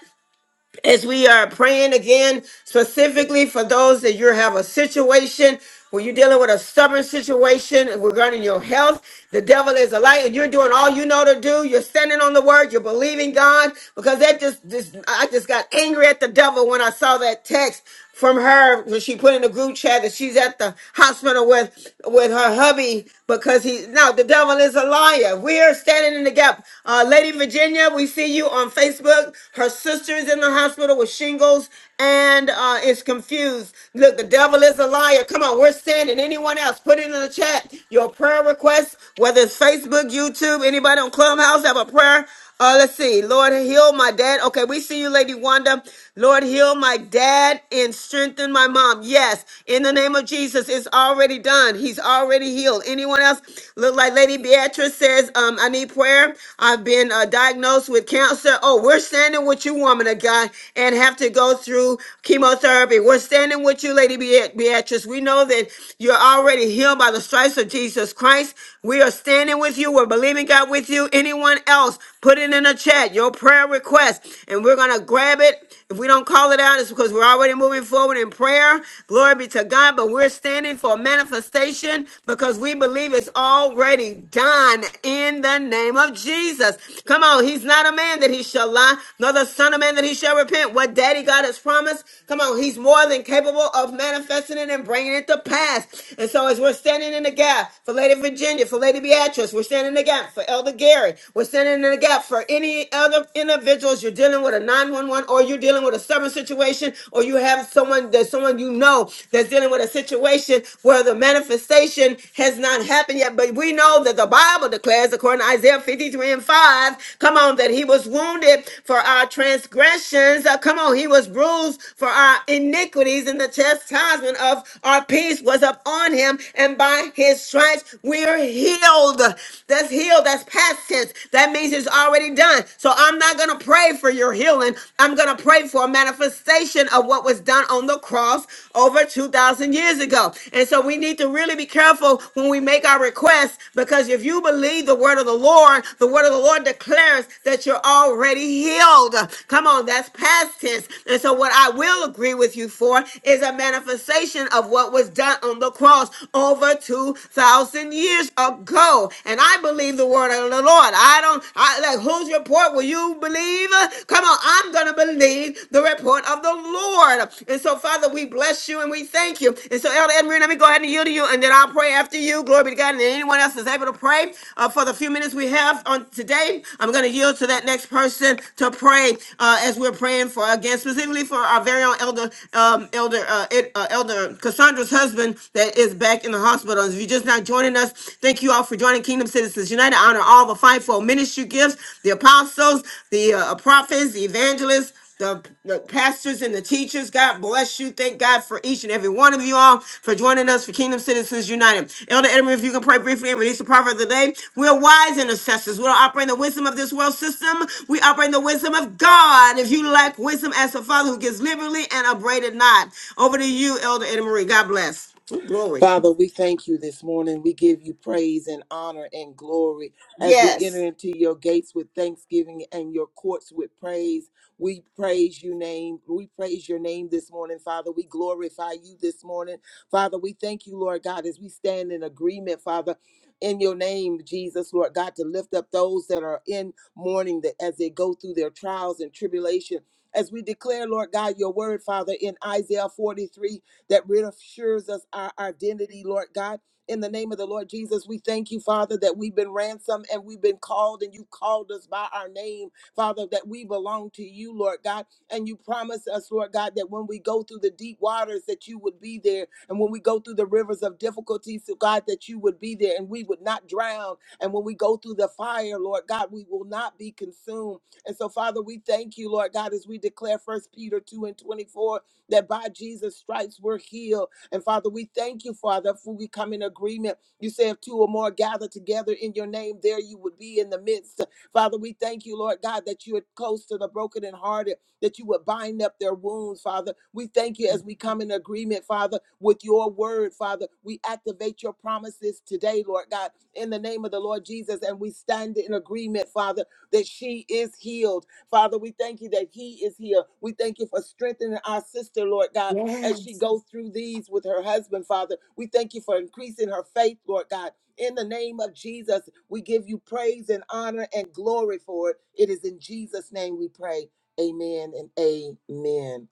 Speaker 1: as we are praying again, specifically for those that you have a situation where you're dealing with a stubborn situation regarding your health, the devil is a liar, and you're doing all you know to do. You're standing on the word, you're believing God, because that just, just I just got angry at the devil when I saw that text from her when she put in the group chat that she's at the hospital with with her hubby because he no the devil is a liar we're standing in the gap uh lady virginia we see you on facebook her sister is in the hospital with shingles and uh is confused look the devil is a liar come on we're standing anyone else put it in the chat your prayer requests whether it's facebook youtube anybody on clubhouse have a prayer uh, let's see. Lord, heal my dad. Okay, we see you, Lady Wanda. Lord, heal my dad and strengthen my mom. Yes, in the name of Jesus, it's already done. He's already healed. Anyone else? Look like Lady Beatrice says, um, I need prayer. I've been uh, diagnosed with cancer. Oh, we're standing with you, woman of God, and have to go through chemotherapy. We're standing with you, Lady Be Beatrice. We know that you're already healed by the stripes of Jesus Christ. We are standing with you. We're believing God with you. Anyone else? Put it in the chat, your prayer request, and we're going to grab it. If we don't call it out, it's because we're already moving forward in prayer. Glory be to God, but we're standing for manifestation because we believe it's already done in the name of Jesus. Come on, he's not a man that he shall lie, nor the son of man that he shall repent. What daddy God has promised, come on, he's more than capable of manifesting it and bringing it to pass. And so as we're standing in the gap for Lady Virginia, for Lady Beatrice, we're standing in the gap for Elder Gary. Gary. We're standing in the gap for any other individuals. You're dealing with a 911 or you're dealing with a stubborn situation or you have someone that someone you know that's dealing with a situation where the manifestation has not happened yet. But we know that the Bible declares, according to Isaiah 53 and 5, come on, that he was wounded for our transgressions. Uh, come on, he was bruised for our iniquities, and the chastisement of our peace was upon him, and by his stripes we're healed. That's healed. That's past tense. That means it's already done. So I'm not going to pray for your healing. I'm going to pray for a manifestation of what was done on the cross over 2,000 years ago. And so we need to really be careful when we make our requests because if you believe the word of the Lord, the word of the Lord declares that you're already healed. Come on, that's past tense. And so what I will agree with you for is a manifestation of what was done on the cross over 2,000 years ago. And I believe the word of the Lord. I don't, I like whose report will you believe? Come on, I'm gonna believe the report of the Lord. And so, Father, we bless you and we thank you. And so, Elder Edmund, let me go ahead and yield to you, and then I'll pray after you. Glory be to God. And then anyone else is able to pray uh, for the few minutes we have on today. I'm gonna yield to that next person to pray uh, as we're praying for again, specifically for our very own Elder um, Elder uh, Ed, uh, Elder Cassandra's husband that is back in the hospital is now joining us. Thank you all for joining Kingdom Citizens United. Honor all the fivefold ministry gifts, the apostles, the uh, prophets, the evangelists, the, the pastors and the teachers. God bless you. Thank God for each and every one of you all for joining us for Kingdom Citizens United. Elder Edmund, if you can pray briefly and release the prophet of the day. We're wise intercessors. We don't operate in the wisdom of this world system. We operate in the wisdom of God. If you lack wisdom ask the Father who gives liberally and upbraided not. Over to you, Elder Edmund Marie. God bless. Ooh, glory.
Speaker 2: Father, we thank you this morning. We give you praise and honor and glory as we enter
Speaker 1: Yes.
Speaker 2: into your gates with thanksgiving and your courts with praise. We praise your name. We praise your name this morning, Father. We glorify you this morning. Father, we thank you, Lord God, as we stand in agreement, Father. In your name, Jesus, Lord God, to lift up those that are in mourning that as they go through their trials and tribulation. As we declare, Lord God, your word, Father, in Isaiah 43 that reassures us our identity, Lord God. In the name of the Lord Jesus, we thank you, Father, that we've been ransomed and we've been called, and you called us by our name, Father, that we belong to you, Lord God. And you promise us, Lord God, that when we go through the deep waters, that you would be there. And when we go through the rivers of difficulties, so God, that you would be there and we would not drown. And when we go through the fire, Lord God, we will not be consumed. And so, Father, we thank you, Lord God, as we declare First Peter 2 and 24 that by Jesus' stripes we're healed. And Father, we thank you, Father, for we come in agreement. You say if two or more gather together in your name, there you would be in the midst. Father, we thank you, Lord God, that you are close to the broken and hearted, that you would bind up their wounds, Father. We thank you as we come in agreement, Father, with your word, Father. We activate your promises today, Lord God, in the name of the Lord Jesus, and we stand in agreement, Father, that she is healed Father, we thank you that He is here. We thank you for strengthening our sister, Lord God,
Speaker 1: Yeah.
Speaker 2: as she goes through these with her husband, Father. We thank you for increasing her faith, Lord God. In the name of Jesus, we give you praise and honor and glory for it. It is in Jesus' name we pray. Amen and amen.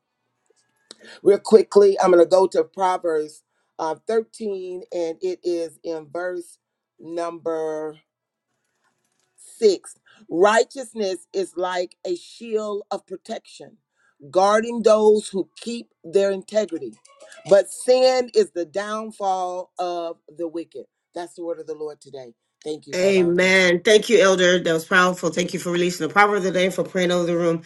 Speaker 2: Real quickly, I'm going to go to Proverbs uh, 13, and it is in verse number Six, righteousness is like a shield of protection, guarding those who keep their integrity. But sin is the downfall of the wicked. That's the word of the Lord today. Thank you for allowing me to share.
Speaker 1: Amen. Thank you, Elder. That was powerful. Thank you for releasing the power of the day for praying over the room.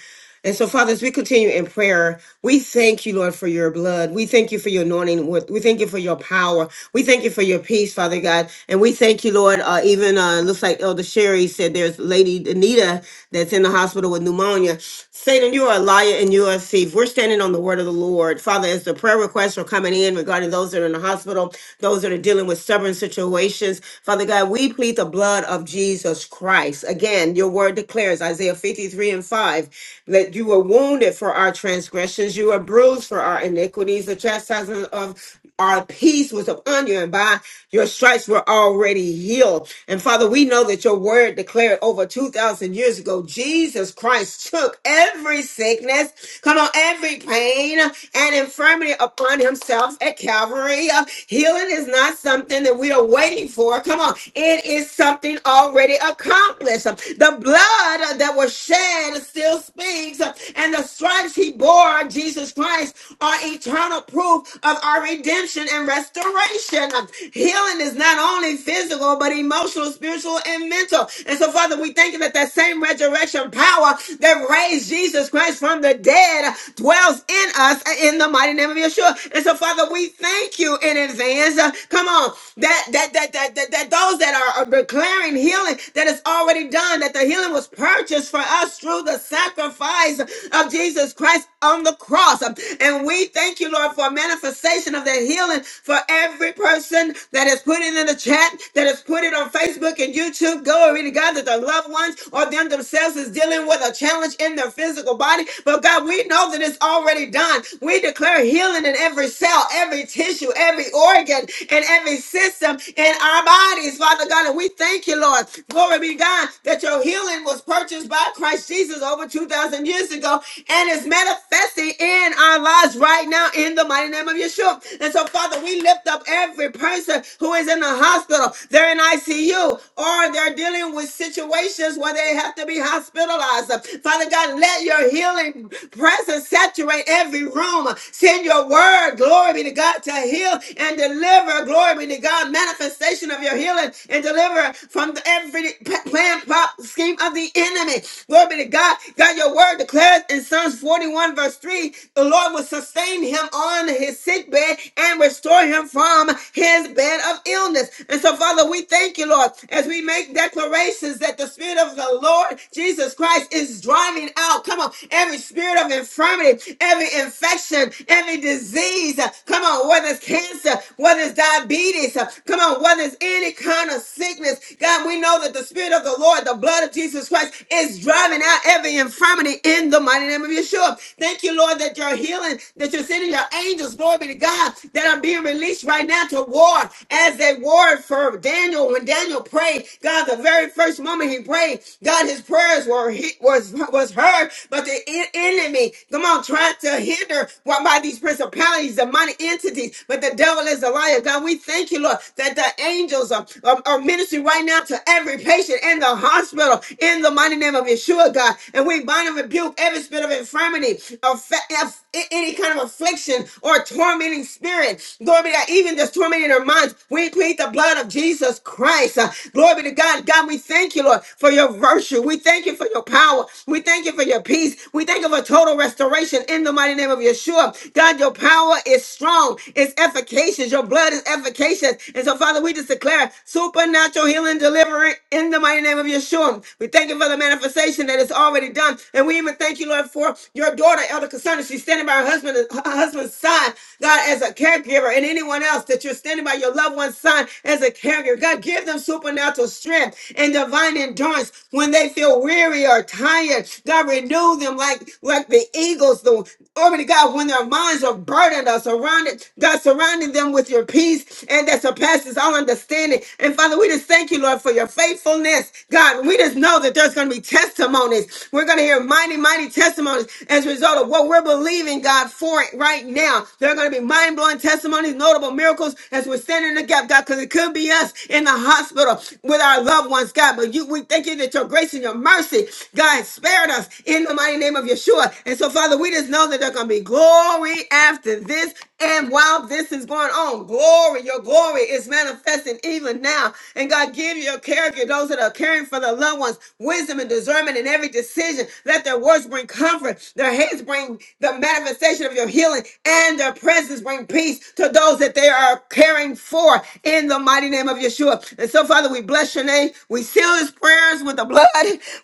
Speaker 1: And so, Father, as we continue in prayer, we thank you, Lord, for your blood. We thank you for your anointing. We we thank you for your power. We thank you for your peace, Father God. And we thank you, Lord. Uh, even uh, looks like Elder Sherry said there's Lady Anita that's in the hospital with pneumonia. Satan, you are a liar and you are a thief. We're standing on the word of the Lord. Father, as the prayer requests are coming in regarding those that are in the hospital, those that are dealing with stubborn situations, Father God, we plead plead the blood of Jesus Christ. Again, your word declares, Isaiah 53 and 5, that you were wounded for our transgressions, you were bruised for our iniquities. The chastisement of our peace was upon you, and by your stripes were already healed. And Father, we know that your word declared over 2,000 years ago, Jesus Christ took every sickness, come on, every pain and infirmity upon himself at Calvary. Uh, Healing is not something that we are waiting for. Come on, it it is something already accomplished. The blood that was shed still speaks, and the stripes he bore, Jesus Christ, are eternal proof of our redemption and restoration. Healing is not only physical, but emotional, spiritual, and mental. And so, Father, we thank you that that same resurrection power that raised Jesus Christ from the dead dwells in us in the mighty name of Yeshua. And so, Father, we thank you in advance. uh, come on, that that that that that, that those those that are are declaring healing that is already done, that the healing was purchased for us through the sacrifice of Jesus Christ on the cross. And we thank you, Lord, for a manifestation of that healing for every person that has put it in the chat, that has put it on Facebook and YouTube. Glory to God that their loved ones or them themselves is dealing with a challenge in their physical body. But God, we know that it's already done. We declare healing in every cell, every tissue, every organ, and every system in our body bodies, Father God. And we thank you, Lord. Glory be to God that your healing was purchased by Christ Jesus over 2,000 years ago and is manifesting in our lives right now in the mighty name of Yeshua. And so, Father, we lift up every person who is in the hospital. They're in ICU or they're dealing with situations where they have to be hospitalized. Father God, let your healing presence saturate every room. Send your word, glory be to God, to heal and deliver, glory be to God, manifestation of of your healing and deliver from the every p- plan, plot, scheme of the enemy. Glory be to God. God, your word declares in Psalms 41, verse 3, the Lord will sustain him on his sick bed and restore him from his bed of illness. And so, Father, we thank you, Lord, as we make declarations that the Spirit of the Lord Jesus Christ is driving out. Come on, every spirit of infirmity, every infection, every disease. uh, Come on, whether it's cancer, whether it's diabetes, uh, come on, whether illness, any kind of sickness. God, we know that the Spirit of the Lord, the blood of Jesus Christ, is driving out every infirmity in the mighty name of Yeshua. Thank you, Lord, that you're healing, that you're sending your angels, glory be to God, that are being released right now to war as they warred for Daniel. When Daniel prayed, God, the very first moment he prayed, God, his prayers were he- was was heard, but the en- enemy, come on, tried to hinder by by these principalities, demonic entities, but the devil is a liar. God, we thank you, Lord, that the that angels are, are, are ministering right now to every patient in the hospital in the mighty name of Yeshua, God. And we bind and rebuke every spirit of infirmity, of fa- of a- any kind of affliction or tormenting spirit. Glory be to God, even just tormenting our minds. We plead the blood of Jesus Christ. Uh, glory be to God. God, we thank you, Lord, for your virtue. We thank you for your power. We thank you for your peace. We thank you for total restoration in the mighty name of Yeshua. God, your power is strong, it's efficacious. Your blood is efficacious. And so and so, Father, we just declare supernatural healing, deliverance in the mighty name of Yeshua. We thank you for the manifestation that is already done. And we even thank you, Lord, for your daughter, Elder Cassandra. She's standing by her husband, her husband's side, God, as a caregiver, and anyone else that you're standing by your loved one's side as a caregiver. God, give them supernatural strength and divine endurance when they feel weary or tired. God, renew them like, like the eagles, the Almighty God, when their minds are burdened or surrounded, God, surrounding them with your peace and that surpasses that passes all understanding. And Father, we just thank you, Lord, for your faithfulness. God, we just know that there's going to be testimonies. We're going to hear mighty, mighty testimonies as a result of what we're believing, God, for it right now. There are going to be mind blowing testimonies, notable miracles as we're standing in the gap, God, because it could be us in the hospital with our loved ones, God. But you, we thank you that your grace and your mercy, God, spared us in the mighty name of Yeshua. And so, Father, we just know that there's going to be glory after this. And while this is going on, glory, your glory glory is manifesting even now. And God, give your character, those that are caring for their loved ones, wisdom and discernment in every decision. Let their words bring comfort, their hands bring the manifestation of your healing, and their presence bring peace to those that they are caring for in the mighty name of Yeshua. And so, Father, we bless your name. We seal his prayers with the blood.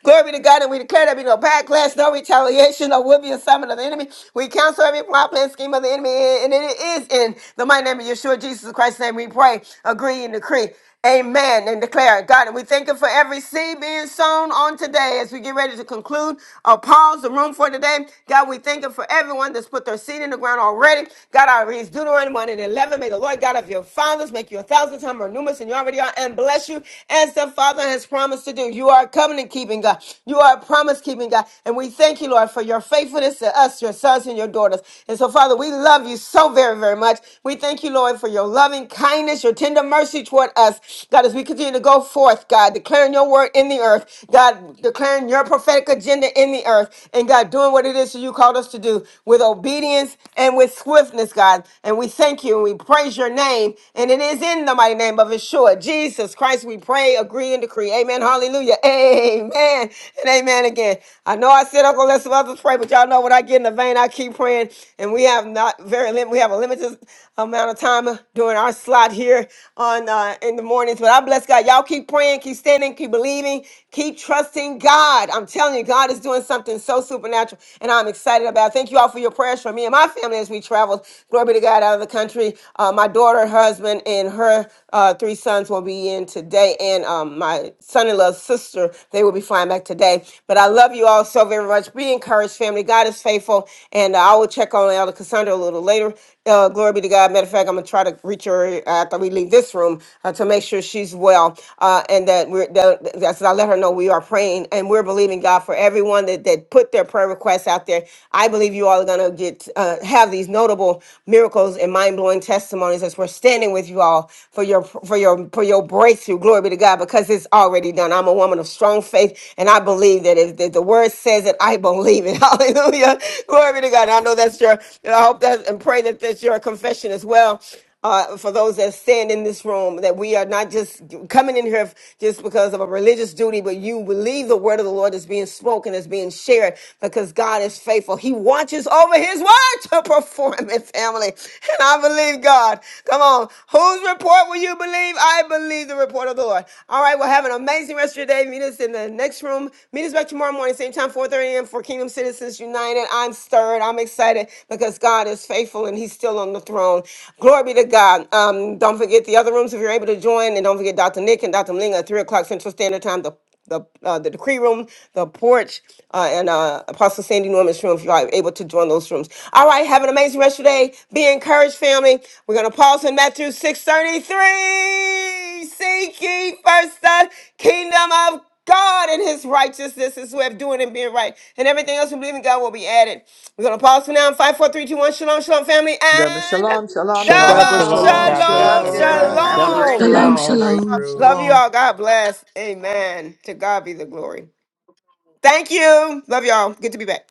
Speaker 1: Glory be to God, and we declare there be no backlash, no retaliation, no will be assignment of the enemy. We counsel every plot, plan, scheme of the enemy, and it is in the mighty name of Yeshua, Jesus Christ. Christ's name we pray, agree and decree. Amen and declare God, and we thank you for every seed being sown on today as we get ready to conclude or pause the room for today. God, we thank you for everyone that's put their seed in the ground already. God, I read Deuteronomy 1 and 11. May the Lord God of your fathers make you a thousand times more numerous than you already are and bless you as the Father has promised to do. You are a covenant keeping God. You are a promise keeping God. And we thank you, Lord, for your faithfulness to us, your sons and your daughters. And so, Father, we love you so very, very much. We thank you, Lord, for your love loving kindness, your tender mercy toward us. God, as we continue to go forth, God, declaring your word in the earth, God, declaring your prophetic agenda in the earth, and God, doing what it is that you called us to do with obedience and with swiftness, God. And we thank you and we praise your name. And it is in the mighty name of Yeshua, Jesus Christ, we pray, agree, and decree. Amen. Hallelujah. Amen. And amen again. I know I said I'm going to let some others pray, but y'all know when I get in the vein, I keep praying. And we have not very lim- we have a limited amount of time during our slot here on uh, in the mornings. But I bless God. Y'all keep praying, keep standing, keep believing, keep trusting God. I'm telling you, God is doing something so supernatural, and I'm excited about. it. Thank you all for your prayers for me and my family as we traveled. Glory be to God out of the country. Uh, my daughter, her husband, and her uh, three sons will be in today, and um, my son-in-law's sister. They will be flying back today. But I love you all so very much. Be encouraged, family. God is faithful, and I will check on Elder Cassandra a little later. Uh, glory be to God. Matter of fact, I'm gonna try to reach her after we leave this room uh, to make sure she's well, uh, and that we're that, that's I let her know we are praying and we're believing God for everyone that that put their prayer requests out there. I believe you all are gonna get uh, have have these notable miracles and mind-blowing testimonies as we're standing with you all for your for your for your breakthrough. Glory be to God, because it's already done. I'm a woman of strong faith, and I believe that if, if the word says it, I believe it. Hallelujah. Glory be to God. And I know that's your. and I hope that and pray that that's your confession as well uh, for those that stand in this room, that we are not just coming in here just because of a religious duty, but you believe the word of the Lord is being spoken, is being shared, because God is faithful. He watches over his word to perform it, family. And I believe God. Come on. Whose report will you believe? I believe the report of the Lord. All right, well, have an amazing rest of your day. Meet us in the next room. Meet us back tomorrow morning, same time, 4.30 a.m. for Kingdom Citizens United. I'm stirred. I'm excited because God is faithful and he's still on the throne. Glory be to God. Um, don't forget the other rooms if you're able to join, and don't forget Dr. Nick and Dr. Mling at three o'clock Central Standard Time. The the uh, the decree room, the porch, uh, and uh, Apostle Sandy Norman's room. If you are able to join those rooms, all right. Have an amazing rest of your day. Be encouraged, family. We're gonna pause in Matthew six thirty three. Seek ye first the kingdom of God and His righteousness. This is way of doing and being right, and everything else we believe in God will be added. We're gonna pause for now. Five, four, three, two, one. Shalom, shalom, family,
Speaker 5: God.
Speaker 1: and
Speaker 5: Shalom, shalom,
Speaker 3: Shalom,
Speaker 2: Double
Speaker 1: Double
Speaker 3: shalom.
Speaker 2: shalom,
Speaker 5: shalom.
Speaker 3: God bless
Speaker 5: Love
Speaker 1: shalom,
Speaker 5: you.
Speaker 2: shalom.
Speaker 5: Have a
Speaker 3: everybody.
Speaker 10: double
Speaker 5: great
Speaker 1: shalom.
Speaker 5: day,
Speaker 7: Shalom,
Speaker 2: Blessings.
Speaker 5: everybody.
Speaker 10: shalom
Speaker 2: Great
Speaker 7: shalom.
Speaker 1: Love
Speaker 2: room.
Speaker 1: you
Speaker 4: Sandalabosite.
Speaker 1: all. God bless. Amen. To God be the glory. Thank you. Love y'all. Good to be back.